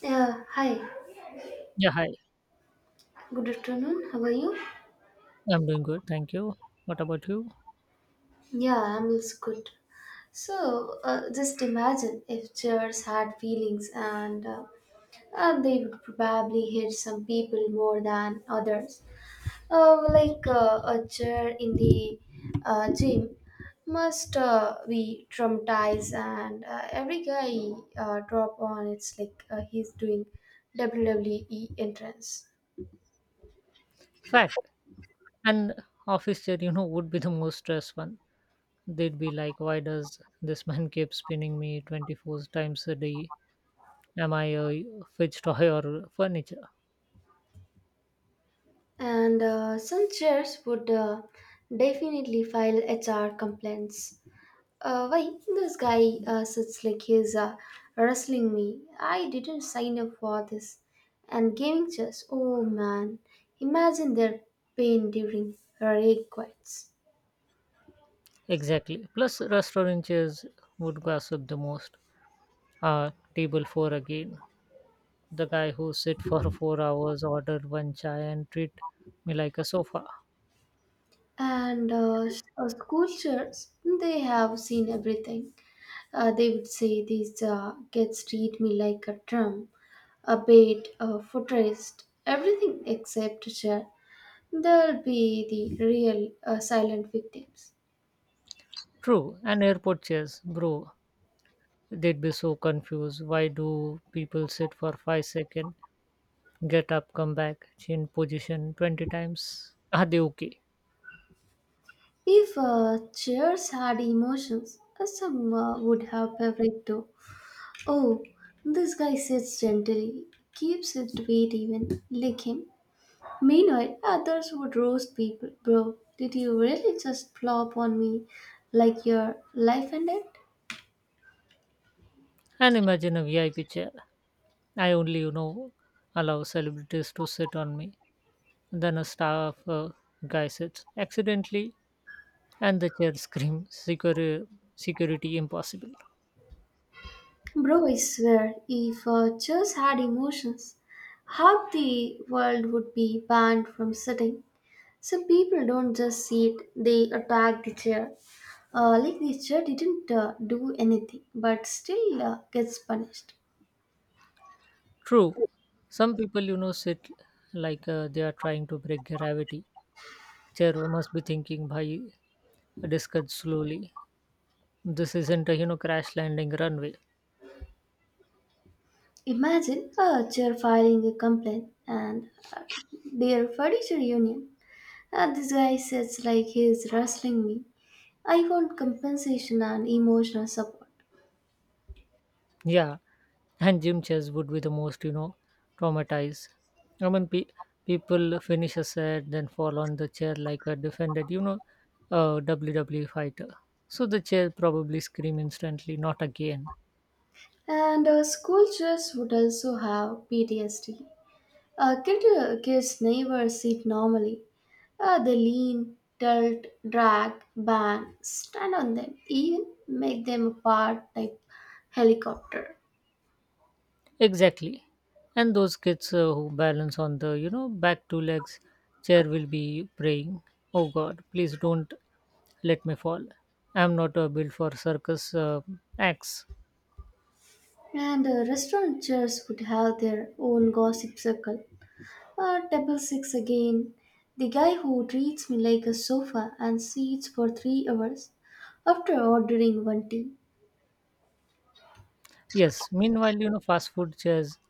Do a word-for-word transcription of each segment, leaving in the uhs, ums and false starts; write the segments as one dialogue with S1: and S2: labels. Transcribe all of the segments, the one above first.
S1: Yeah, hi.
S2: Yeah, hi.
S1: Good afternoon. How are you?
S2: I'm doing good, thank you. What about you?
S1: Yeah, I'm also good. So, uh, just imagine if chairs had feelings, and uh, uh, they would probably hit some people more than others. Uh, like uh, a chair in the uh, gym must uh, be traumatized, and uh, every guy uh, drop on it's like uh, he's doing W W E entrance.
S2: Fact. And office chair, you know, would be the most stressed one. They'd be like, why does this man keep spinning me twenty four times a day? Am I a fidget toy or furniture?
S1: And uh, some chairs would uh, definitely file H R complaints. Uh, why this guy uh, sits like he's uh, wrestling me? I didn't sign up for this. And gaming chairs, oh man, imagine their pain during rage quits.
S2: Exactly. Plus, restaurant chairs would gossip the most. Uh, table four again. The guy who sit for four hours, order one chai and treat me like a sofa.
S1: And uh, s- uh, school chairs, they have seen everything. Uh, they would say these uh, kids treat me like a drum, a bait, a footrest, everything except a chair. They'll be the real uh, silent victims.
S2: True. And airport chairs, bro. They'd be so confused. Why do people sit for five seconds, get up, come back, change position twenty times? Are they okay?
S1: If uh, chairs had emotions, uh, some uh, would have favorite too. Oh, this guy sits gently, keeps his weight even, lick him. Meanwhile, others would roast people. Bro, did you really just flop on me like your life ended?
S2: And imagine a V I P chair. I only, you know, allow celebrities to sit on me. Then a staff uh, guy sits accidentally, and the chair screams, Security, security impossible.
S1: Bro, I swear, if uh, chairs had emotions, half the world would be banned from sitting. Some people don't just sit, they attack the chair. Uh, like the chair didn't uh, do anything, but still uh, gets punished.
S2: True, some people, you know, sit like uh, they are trying to break gravity. Chair must be thinking, Bhai, discuss slowly, this isn't a you know crash landing runway.
S1: Imagine a chair filing a complaint and uh, their furniture union. Uh, this guy sits like he's wrestling me. I want compensation and emotional support.
S2: Yeah, and gym chairs would be the most you know traumatized. I mean, pe- people finish a set, then fall on the chair like a defended, you know uh, W W E fighter. So the chair probably scream instantly, not again.
S1: And uh, school chairs would also have P T S D. Uh, kid, uh, kids never sit normally. Uh, they lean, tilt, drag, bang, stand on them, even make them apart like helicopter.
S2: Exactly. And those kids uh, who balance on the you know back two legs, chair will be praying, oh god please don't let me fall. I'm not uh, built for circus uh, acts.
S1: And uh, restaurant chairs would have their own gossip circle. Uh, table six again. The guy who treats me like a sofa and seats for three hours after ordering one tea.
S2: Yes, meanwhile, you know, fast food chairs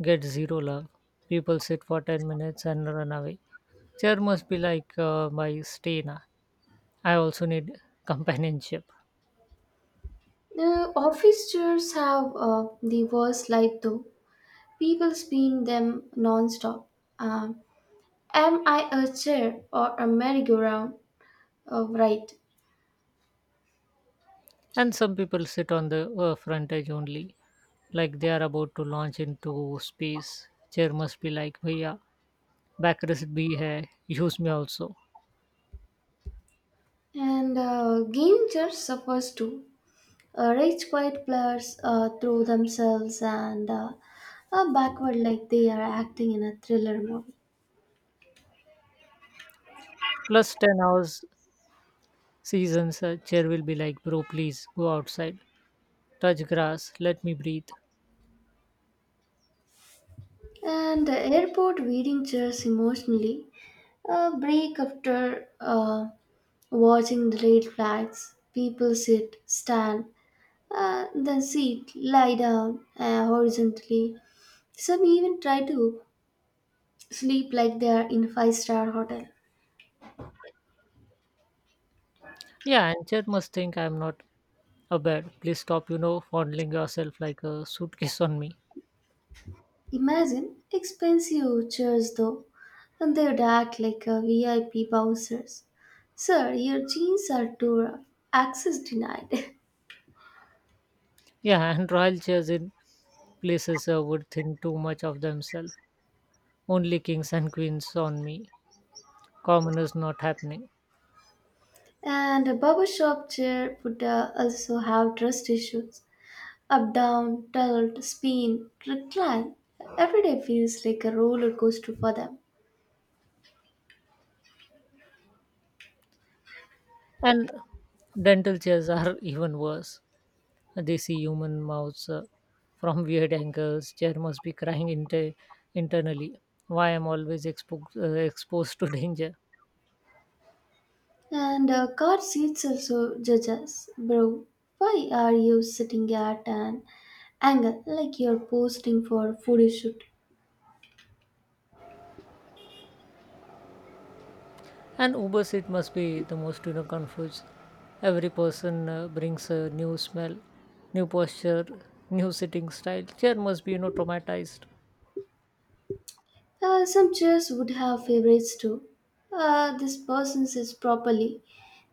S2: get zero love. People sit for ten minutes and run away. Chair must be like, uh, my Stena. I also need companionship.
S1: The office chairs have uh, the worst light though. People spin them non-stop. Um, am I a chair or a merry-go-round? Uh, right.
S2: And some people sit on the uh, front edge only, like they are about to launch into space. Chair must be like, भैया backrest bhi hai, use me also.
S1: And uh, gaming chairs suffers too. Uh, rich quiet players uh, throw themselves and uh, uh, backward like they are acting in a thriller movie.
S2: Plus ten hours seasons, uh, chair will be like, bro, please go outside, touch grass, let me breathe.
S1: And uh, airport waiting chairs emotionally uh, break after uh, watching the red flags. People sit, stand, uh, then sit, lie down uh, horizontally. Some even try to sleep like they are in five-star hotel.
S2: Yeah, and Chet must think I'm not a bad. Please stop, you know, fondling yourself like a suitcase on me.
S1: Imagine expensive chairs though, and they would act like a V I P bouncers. Sir, your jeans are too rough. Access denied.
S2: Yeah, and royal chairs in places uh, would think too much of themselves. Only kings and queens on me. Commoners not happening.
S1: And a barber shop chair would uh, also have trust issues. Up, down, tilt, spin, recline. Every day feels like a roller coaster for them.
S2: And dental chairs are even worse. They see human mouths uh, from weird angles. Chair must be crying inter- internally. Why I'm always expo- uh, exposed to danger.
S1: And uh, car seats also judge us. Bro, why are you sitting at an angle like you're posting for a photo shoot?
S2: And Uber seat must be the most you know confused. Every person uh, brings a new smell, new posture, new sitting style. Chair must be you know traumatized,
S1: Uh, some chairs would have favorites too. Uh, this person sits properly,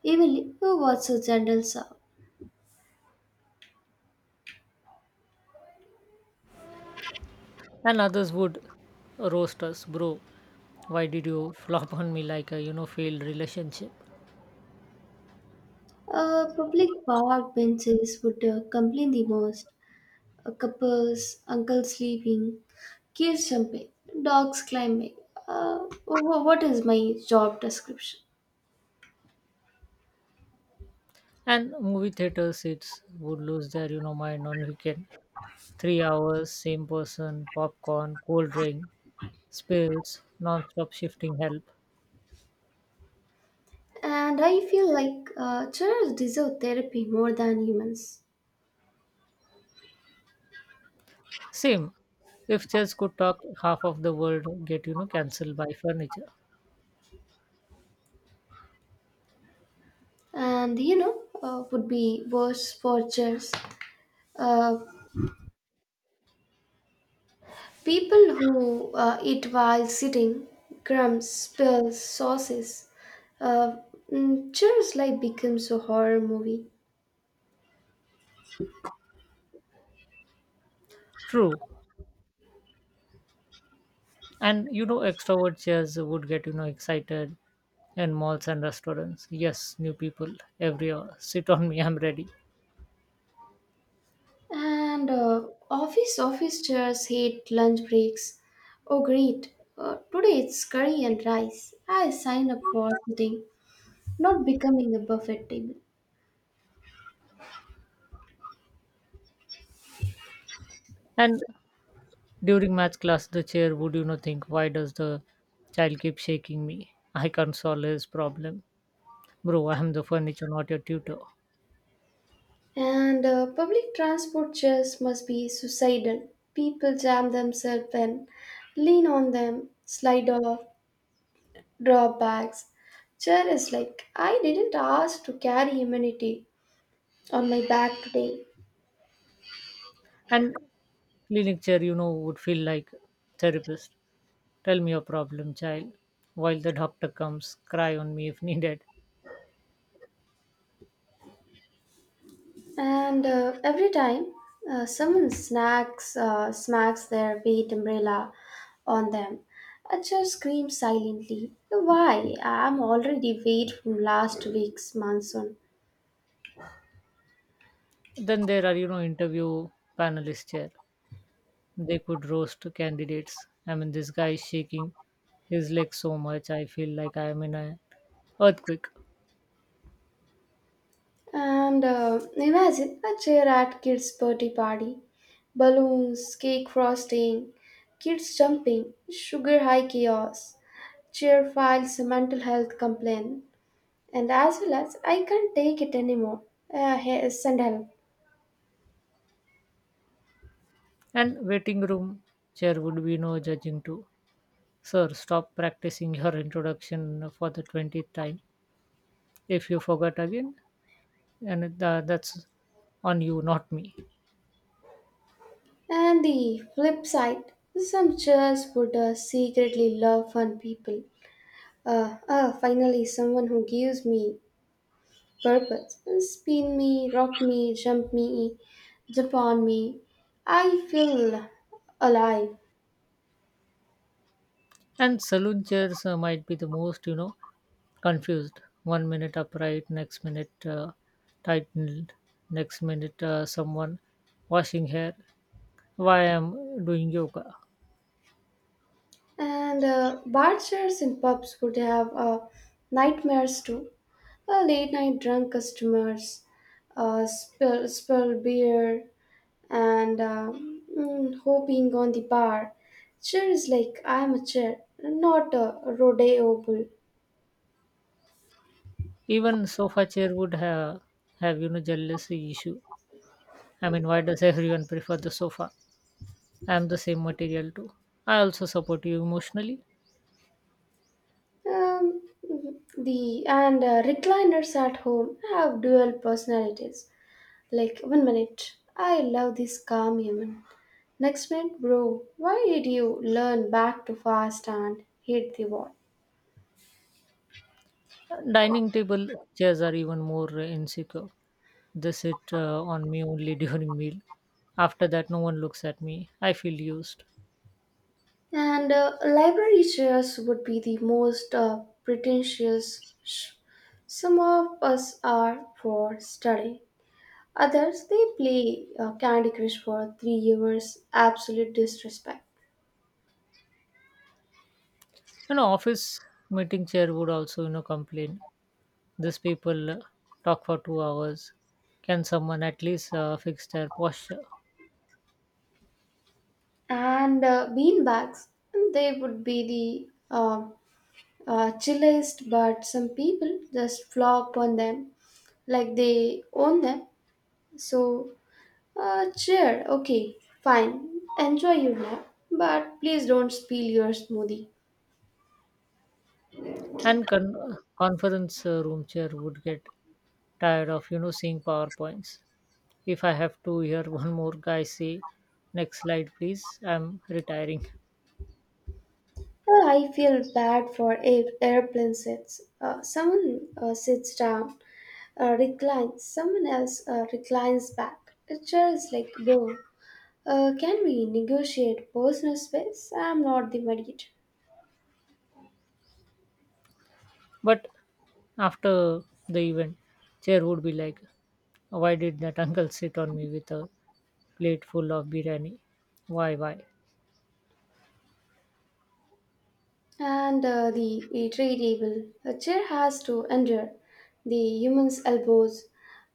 S1: evenly. Who wants a gentle sound?
S2: and others would roast us, bro. Why did you flop on me like a you know failed relationship?
S1: Uh, public park benches would uh, complain the most. uh, couples, uncle sleeping, kids jumping, dogs climbing. Uh, wh- what is my job description?
S2: And movie theater seats would lose their you know mind on weekend. Three hours, same person, popcorn, cold drink, spills, non-stop shifting help.
S1: And I feel like uh, children deserve therapy more than humans.
S2: Same. If chess could talk, half of the world get you know cancelled by furniture.
S1: And you know, uh, would be worse for chairs. Uh, people who uh, eat while sitting, crumbs, spills, sauces. Uh, mm, Chairs life becomes a horror movie.
S2: True. And you know extrovert chairs would get you know excited in malls and restaurants. Yes, new people every hour. Sit on me, I'm ready.
S1: And uh, office office chairs hate lunch breaks. Oh great! Uh, today it's curry and rice. I signed up for sitting, not becoming a buffet table.
S2: And during math class, the chair would you know think, why does the child keep shaking me? I can't solve his problem, bro. I'm the furniture, not your tutor.
S1: And uh, public transport chairs must be suicidal. People jam themselves in, lean on them, slide off, drop bags. Chair is like I didn't ask to carry humanity on my back today.
S2: And clinic chair, you know, would feel like therapist. Tell me your problem, child, while the doctor comes, cry on me if needed.
S1: And uh, every time uh, someone snacks, uh, smacks their wheat umbrella on them, I just scream silently, why? I'm already wet from last week's monsoon.
S2: Then there are, you know, interview panelists here. They could roast candidates. I mean, this guy is shaking his legs so much, I feel like I am in an earthquake.
S1: And uh, imagine a chair at kids' birthday party, balloons, cake frosting, kids jumping, sugar high chaos, chair files a mental health complaint, and as well as I can't take it anymore. Uh, hey, send help.
S2: And waiting room chair would be no judging too. Sir, stop practicing your introduction for the twentieth time. If you forgot again, and uh, that's on you, not me.
S1: And the flip side, some church would uh, secretly love fun people. Uh, ah, finally, someone who gives me purpose. Spin me, rock me, jump me, jump on me. I feel alive.
S2: And saloon chairs uh, might be the most, you know, confused. One minute upright, next minute uh, tightened, next minute uh, someone washing hair, why I'm doing yoga.
S1: And uh, bar chairs and pubs would have uh, nightmares too. Uh, late night drunk customers, uh, spill, spill beer, and uh, mm, hopping on the bar. Chair is like I'm a chair, not a rodeo bull.
S2: Even sofa chair would have have you know jealousy issue. I mean, why does everyone prefer the sofa? I'm the same material too. I also support you emotionally.
S1: Um, the and uh, recliners at home have dual personalities. Like one minute, I love this calm human. Next minute, bro, why did you learn back too fast and hit the wall?
S2: Dining table chairs are even more uh, insecure. They sit uh, on me only during meal. After that no one looks at me, I feel used.
S1: And uh, library chairs would be the most uh, pretentious. Sh- some of us are for study. Others they play uh, Candy Crush for three hours, absolute disrespect.
S2: You know office meeting chair would also you know complain, these people uh, talk for two hours, can someone at least uh, fix their posture?
S1: And uh, beanbags, they would be the uh, uh, chillest, but some people just flop on them like they own them. So, uh, cheer, okay, fine, enjoy your nap, but please don't spill your smoothie.
S2: And con- conference uh, room chair would get tired of you know seeing powerpoints. If I have to hear one more guy say next slide please, I'm retiring.
S1: Uh, I feel bad for air- airplane sets. Uh, someone uh, sits down, Uh, recline. Someone else uh, reclines back. A chair is like, bro, uh, can we negotiate personal space? I'm not the mediator.
S2: But after the event chair would be like, why did that uncle sit on me with a plate full of biryani? Why why?
S1: And uh, the a tray table. A chair has to endure. The human's elbows,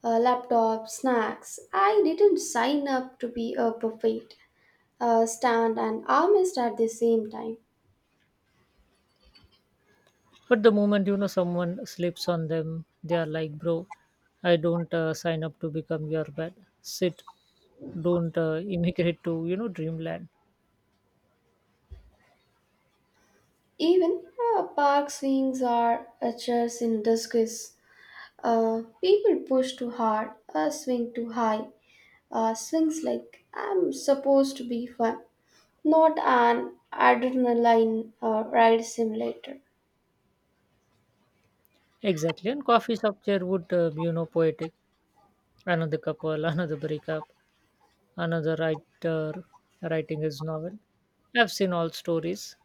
S1: uh, laptop, snacks. I didn't sign up to be a buffet, Uh, stand and armist at the same time.
S2: But the moment you know someone slips on them, they are like, "Bro, I don't uh, sign up to become your bed. Sit, don't uh, immigrate to you know dreamland."
S1: Even uh, park swings are a chairs in disguise. Uh, people push too hard, uh, swing too high, uh, swings like I'm supposed to be fun, not an adrenaline uh, ride simulator.
S2: Exactly. And coffee shop chair would uh, be, you know poetic. Another couple, another breakup, another writer writing his novel. I've seen all stories.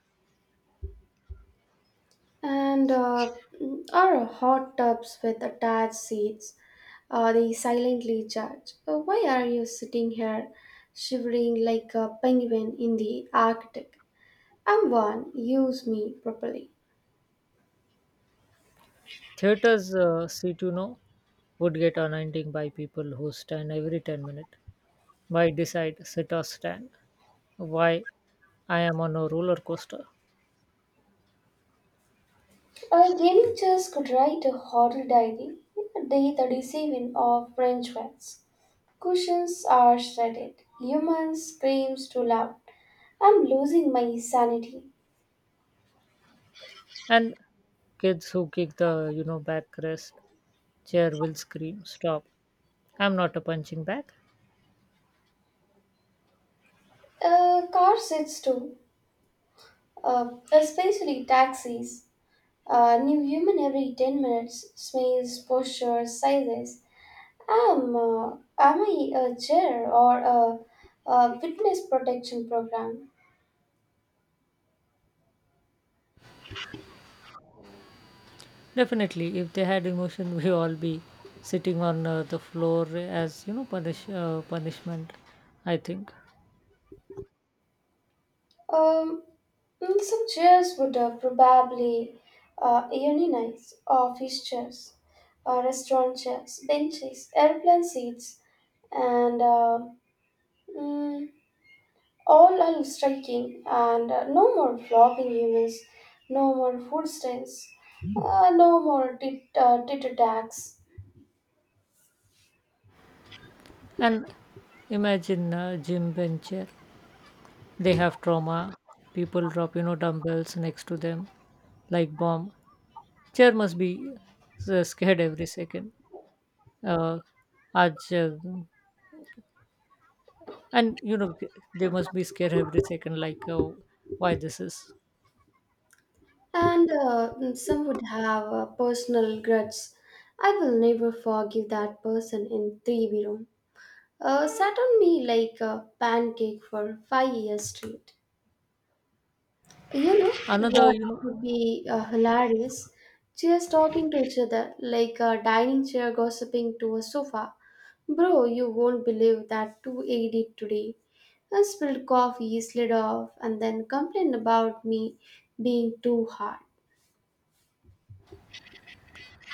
S1: And uh, our hot tubs with attached seats, uh, they silently judge. Uh, why are you sitting here shivering like a penguin in the Arctic? I'm one, use me properly.
S2: Theaters uh, seat, you know, would get anointing by people who stand every ten minutes. Why decide, sit or stand? Why I am on a roller coaster?
S1: A young Charles could write a horror diary in a day the receiving of French words. Cushions are shredded. Human screams too loud. I'm losing my sanity.
S2: And kids who kick the, you know, backrest chair will scream, Stop, I'm not a punching bag.
S1: A car sits too, uh, especially taxis. A new human every ten minutes. Smells, postures, sizes. Am, uh, am I a chair or a, a witness protection program?
S2: Definitely, if they had emotion, we all be sitting on uh, the floor as, you know, punish, uh, punishment, I think.
S1: Um, Mm, Some chairs would uh, probably uh, unionize office chairs, uh, restaurant chairs, benches, airplane seats, and uh, mm, all are striking. And uh, no more flopping humans, no more food stands, uh, no more tit uh, tit attacks.
S2: And imagine uh, gym bench chair. They have trauma. People drop, you know, dumbbells next to them like bomb. Chair must be uh, scared every second. Uh, आज, uh, and you know they must be scared every second, like oh, why this is
S1: And uh, mm, some would have uh, personal grudges. I will never forgive that person in three B room. uh, sat on me like a pancake for five years straight. You know
S2: another
S1: what
S2: you know
S1: would be uh, hilarious? Just talking to each other like a dining chair gossiping to a sofa. Bro, you won't believe that two eighty today. I spilled coffee, slid off, and then complained about me being too hard.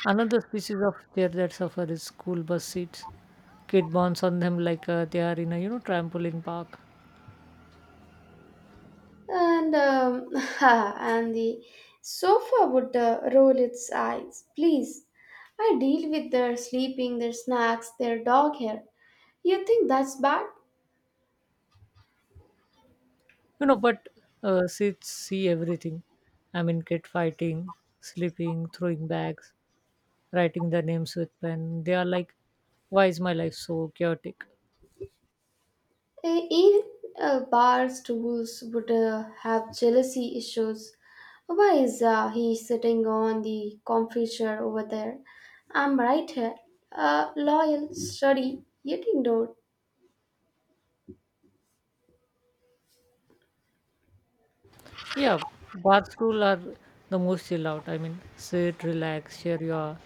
S2: another species of deer that suffer is school bus seats. Kid bounce on them like uh, they are in a you know trampoline park.
S1: And um, and the sofa would uh, roll its eyes. Please, I deal with their sleeping, their snacks, their dog hair. You think that's bad?
S2: You know but uh, seats see everything. I mean, kid fighting, sleeping, throwing bags, writing their names with pen, they are like why is my life so chaotic?
S1: Eh, Even uh, bar stools would uh, have jealousy issues. Why is uh, he sitting on the comfy chair over there? I'm right here, uh, loyal, sturdy, yet ignored.
S2: Yeah, bath school are the most chill out. I mean, sit, relax, share your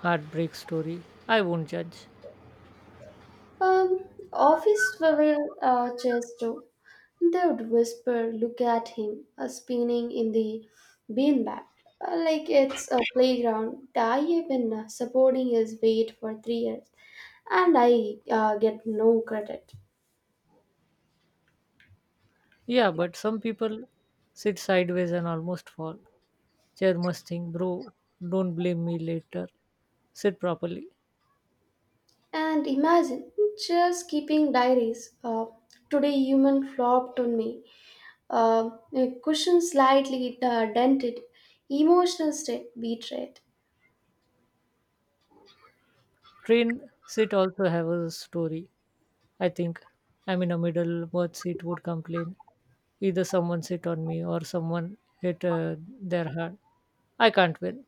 S2: heartbreak story. I won't judge.
S1: Um, office will uh, chase too. They would whisper, look at him, uh, spinning in the beanbag, uh, like it's a playground. I have been uh, supporting his weight for three years, and I uh, get no credit.
S2: Yeah, but some people sit sideways and almost fall. Chair must think, bro, don't blame me later. Sit properly.
S1: And imagine just keeping diaries. Uh, today, human flopped on me. Uh, a cushion slightly uh, dented, emotional state betrayed.
S2: Train sit also have a story. I think I'm in a middle, both seat would complain. Either someone sit on me or someone hit uh, their hand. I can't win.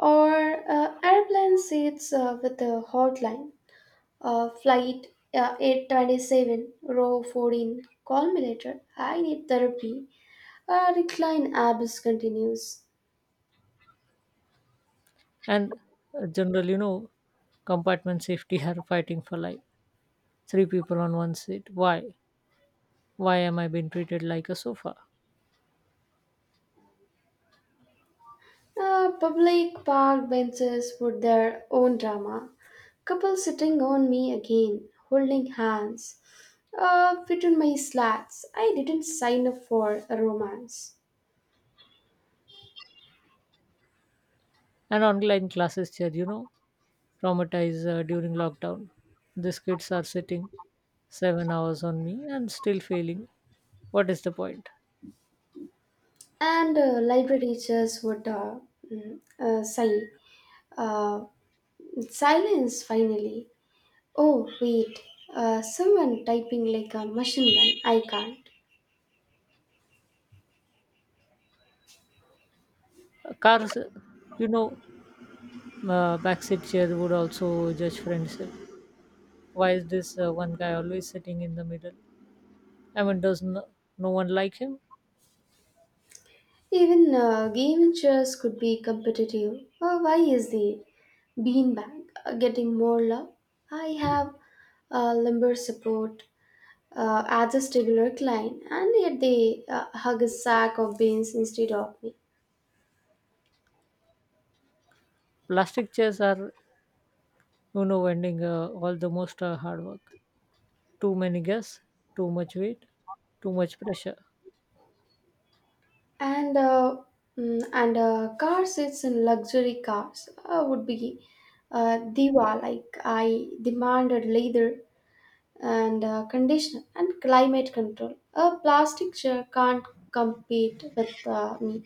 S1: Or uh, airplane seats uh, with a hotline, uh, flight uh, eight twenty-seven, row fourteen, call me later, I need therapy, uh, recline abyss continues.
S2: And uh, general you know compartment safety are fighting for life. Three people on one seat, why? Why am I being treated like a sofa?
S1: Uh, public park benches with their own drama, couple sitting on me again, holding hands, uh, between my slats, I didn't sign up for a romance.
S2: And online classes chair you know traumatized uh, during lockdown, these kids are sitting seven hours on me and still failing, what is the point?
S1: And uh, library teachers would uh, mm, uh, sigh. Uh, Silence finally. Oh, wait. Uh, someone typing like a machine gun. I can't.
S2: Uh, cars uh, you know uh, backseat chair would also judge friendship. Why is this uh, one guy always sitting in the middle? I mean, does no, no one like him?
S1: Even uh, gaming chairs could be competitive. Uh, why is the beanbag uh, getting more love? I have uh, lumbar support, uh, adjustable recline, and yet they uh, hug a sack of beans instead of me.
S2: Plastic chairs are you know ending uh, all the most uh, hard work. Too many guests, too much weight, too much pressure.
S1: and uh, mm, and uh, cars it's in luxury cars uh, would be uh, diva like I demanded leather and uh, conditioner and climate control a plastic chair can't compete with uh, me.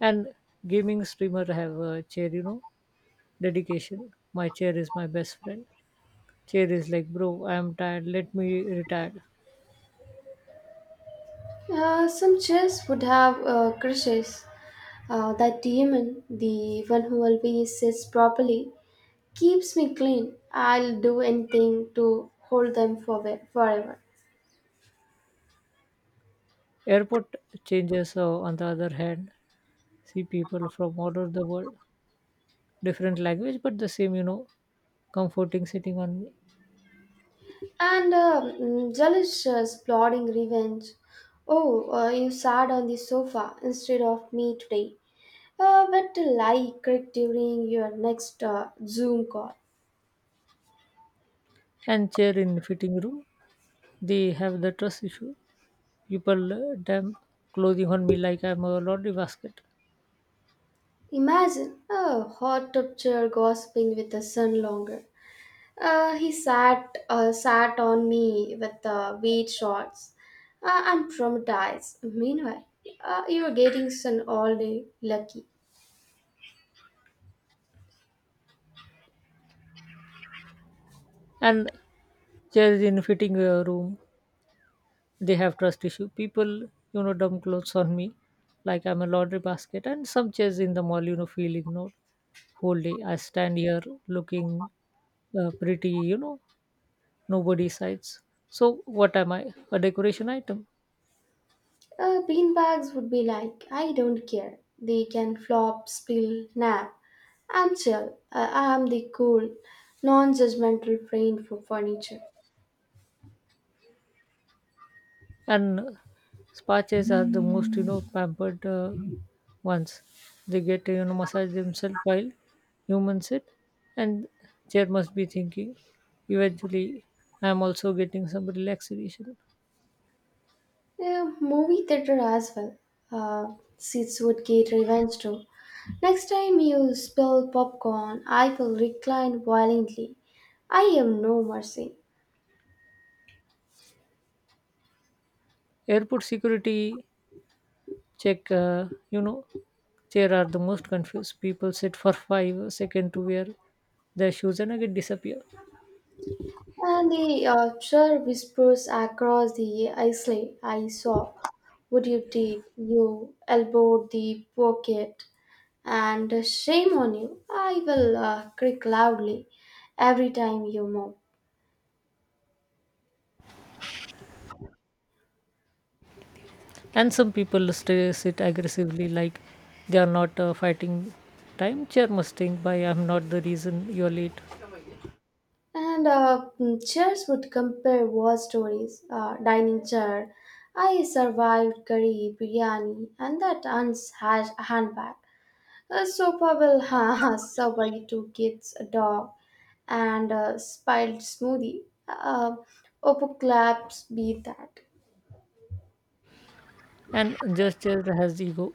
S2: And gaming streamer have a chair you know dedication, my chair is my best friend. Chair is like, bro, I am tired, let me retire.
S1: Uh, some chairs would have uh, crushes, uh, that demon the one who always sits properly keeps me clean I'll do anything to hold them for forever.
S2: Airport changes uh, on the other hand see people from all over the world, different language but the same you know comforting sitting on me.
S1: And um, mm, jealous, uh, plotting revenge. Oh, uh, you sat on the sofa instead of me today. Uh, what a lie cried during your next uh, Zoom call.
S2: And chair in fitting room, they have the trust issue. People uh, dump clothing on me like I'm a laundry basket.
S1: Imagine a hot tub chair gossiping with the sun longer. Uh, he sat uh, sat on me with uh, weight shots. Uh, I'm traumatized. Meanwhile, uh, you were getting sun all day. Lucky.
S2: And chairs in fitting uh, room, they have trust issue. People, you know, dump clothes on me like I'm a laundry basket. And some chairs in the mall, you know, feel ignored whole day. I stand here looking uh, pretty, you know, nobody sights. So what am I? A decoration item.
S1: Uh, beanbags would be like, I don't care. They can flop, spill, nap. I'm chill. Uh, I'm the cool, non judgmental friend for furniture.
S2: And spa chairs are the most you know pampered uh, ones. They get you know massage themselves while humans sit. And chair must be thinking, eventually I am also getting some relaxation.
S1: Uh, movie theater as well. Uh, seats would get revenge too. Next time you spill popcorn, I will recline violently. I am no mercy.
S2: Airport security check uh, you know chair are the most confused. People sit for five seconds to wear their shoes and again disappear.
S1: And the archer whispers across the isle. I saw what you did. You elbowed the pocket, and shame on you. I will uh, creak loudly every time you move.
S2: And some people stay sit aggressively like they are not uh, fighting time. Chair must think by I'm not the reason you're late.
S1: And uh, mm, chairs would compare war stories. Uh, dining chair. I survived curry, biryani, and that aunt's ha- handbag. A so Pavel has survived two kids, a dog, and a spilled smoothie. Uh, Oppo claps be that.
S2: And just chair has ego.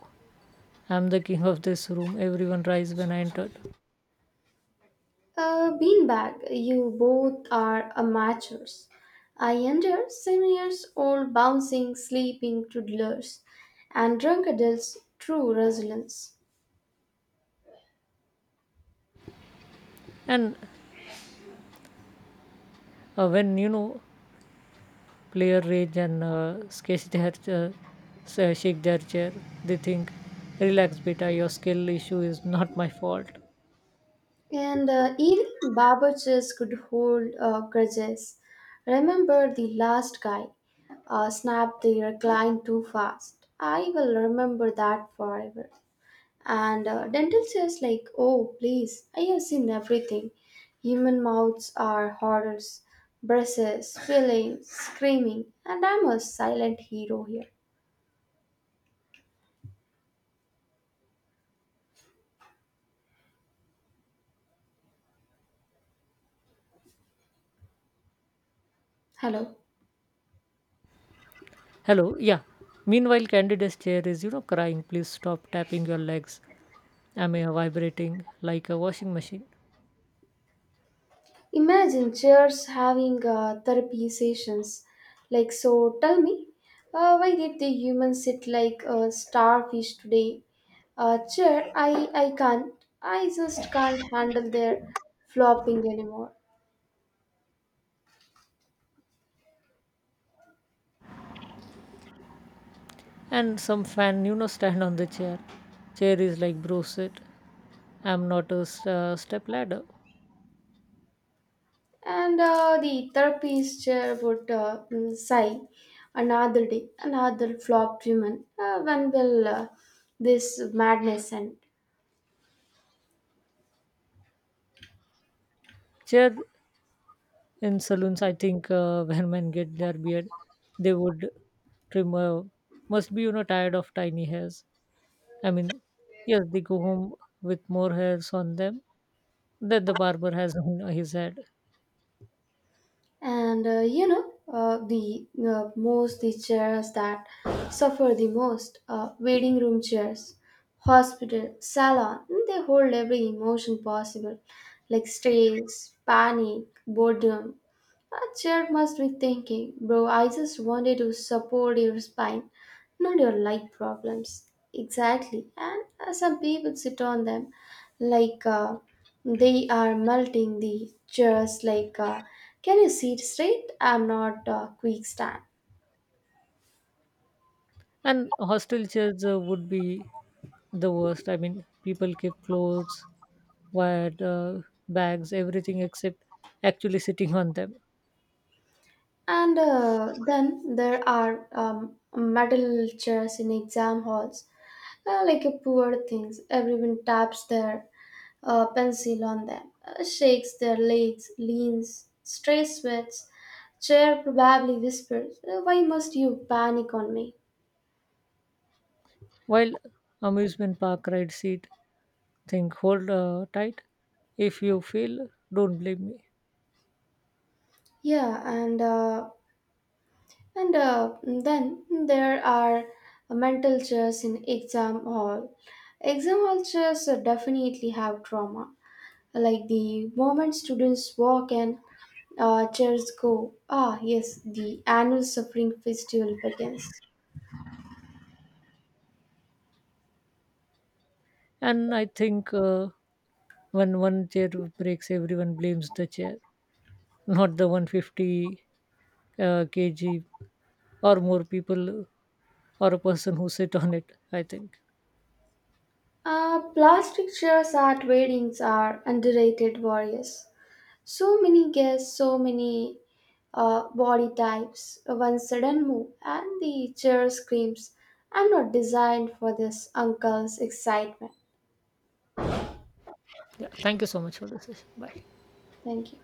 S2: I'm the king of this room. Everyone rise when I entered.
S1: A beanbag, you both are amateurs. I enter seven years old bouncing, sleeping toddlers, and drunk adults' true resilience.
S2: And uh, when you know player rage and uh, sketch their uh, sa- shake their chair, they think, relax, beta. Your skill issue is not my fault.
S1: And uh, even barberchefs could hold uh, grudges. Remember the last guy uh, snapped the recline too fast. I will remember that forever. And uh, dental chairs like, oh please, I have seen everything. Human mouths are horrors, braces, feelings, screaming, and I'm a silent hero here. Hello.
S2: Hello, yeah. Meanwhile, candidate's chair is you know crying. Please stop tapping your legs. Am I vibrating like a washing machine?
S1: Imagine chairs having uh, therapy sessions. Like, so tell me, uh, why did the humans sit like a starfish today? Uh, chair, I, I can't. I just can't handle their flopping anymore.
S2: And some fan, you know, stand on the chair. Chair is like, bro, sit. I'm not a st- uh, step ladder.
S1: And uh, the therapist chair would uh, mm, sigh, another day, another flopped human. Uh, when will uh, this madness end?
S2: Chair in saloons, I think uh, when men get their beard, they would trim. Uh, must be you know tired of tiny hairs. I mean, yes, they go home with more hairs on them than the barber has on his head.
S1: And uh, you know uh, the uh, most the chairs that suffer the most, uh, waiting room chairs, hospital, salon, mm, they hold every emotion possible like stress, panic, boredom. A chair must be thinking, bro, I just wanted to support your spine, not your light problems. Exactly, and uh, some people sit on them like uh, they are melting the chairs like, uh, can you sit straight, I'm not uh, quick stand.
S2: And hostel chairs uh, would be the worst. I mean, people keep clothes wired uh, bags, everything except actually sitting on them.
S1: And uh, then there are um, metal chairs in exam halls, Uh, like a poor things, everyone taps their uh, pencil on them, uh, shakes their legs, leans, stray sweats. Chair probably whispers, "Uh, Why must you panic on me?"
S2: While amusement park ride seat think hold uh, tight. If you fail, don't blame me.
S1: Yeah, and uh, and uh, then there are mental chairs in exam hall. Exam hall chairs uh, definitely have trauma. Like the moment students walk in, Uh, chairs go. Ah, yes, the annual suffering festival begins.
S2: And I think uh, when one chair breaks, everyone blames the chair, not the one hundred fifty uh, kg or more people or a person who sit on it. I think.
S1: Uh, plastic chairs at weddings are underrated warriors. So many guests, so many uh, body types. One sudden move, and the chair screams, I'm not designed for this uncle's excitement.
S2: Yeah. Thank you so much for the session. Bye.
S1: Thank you.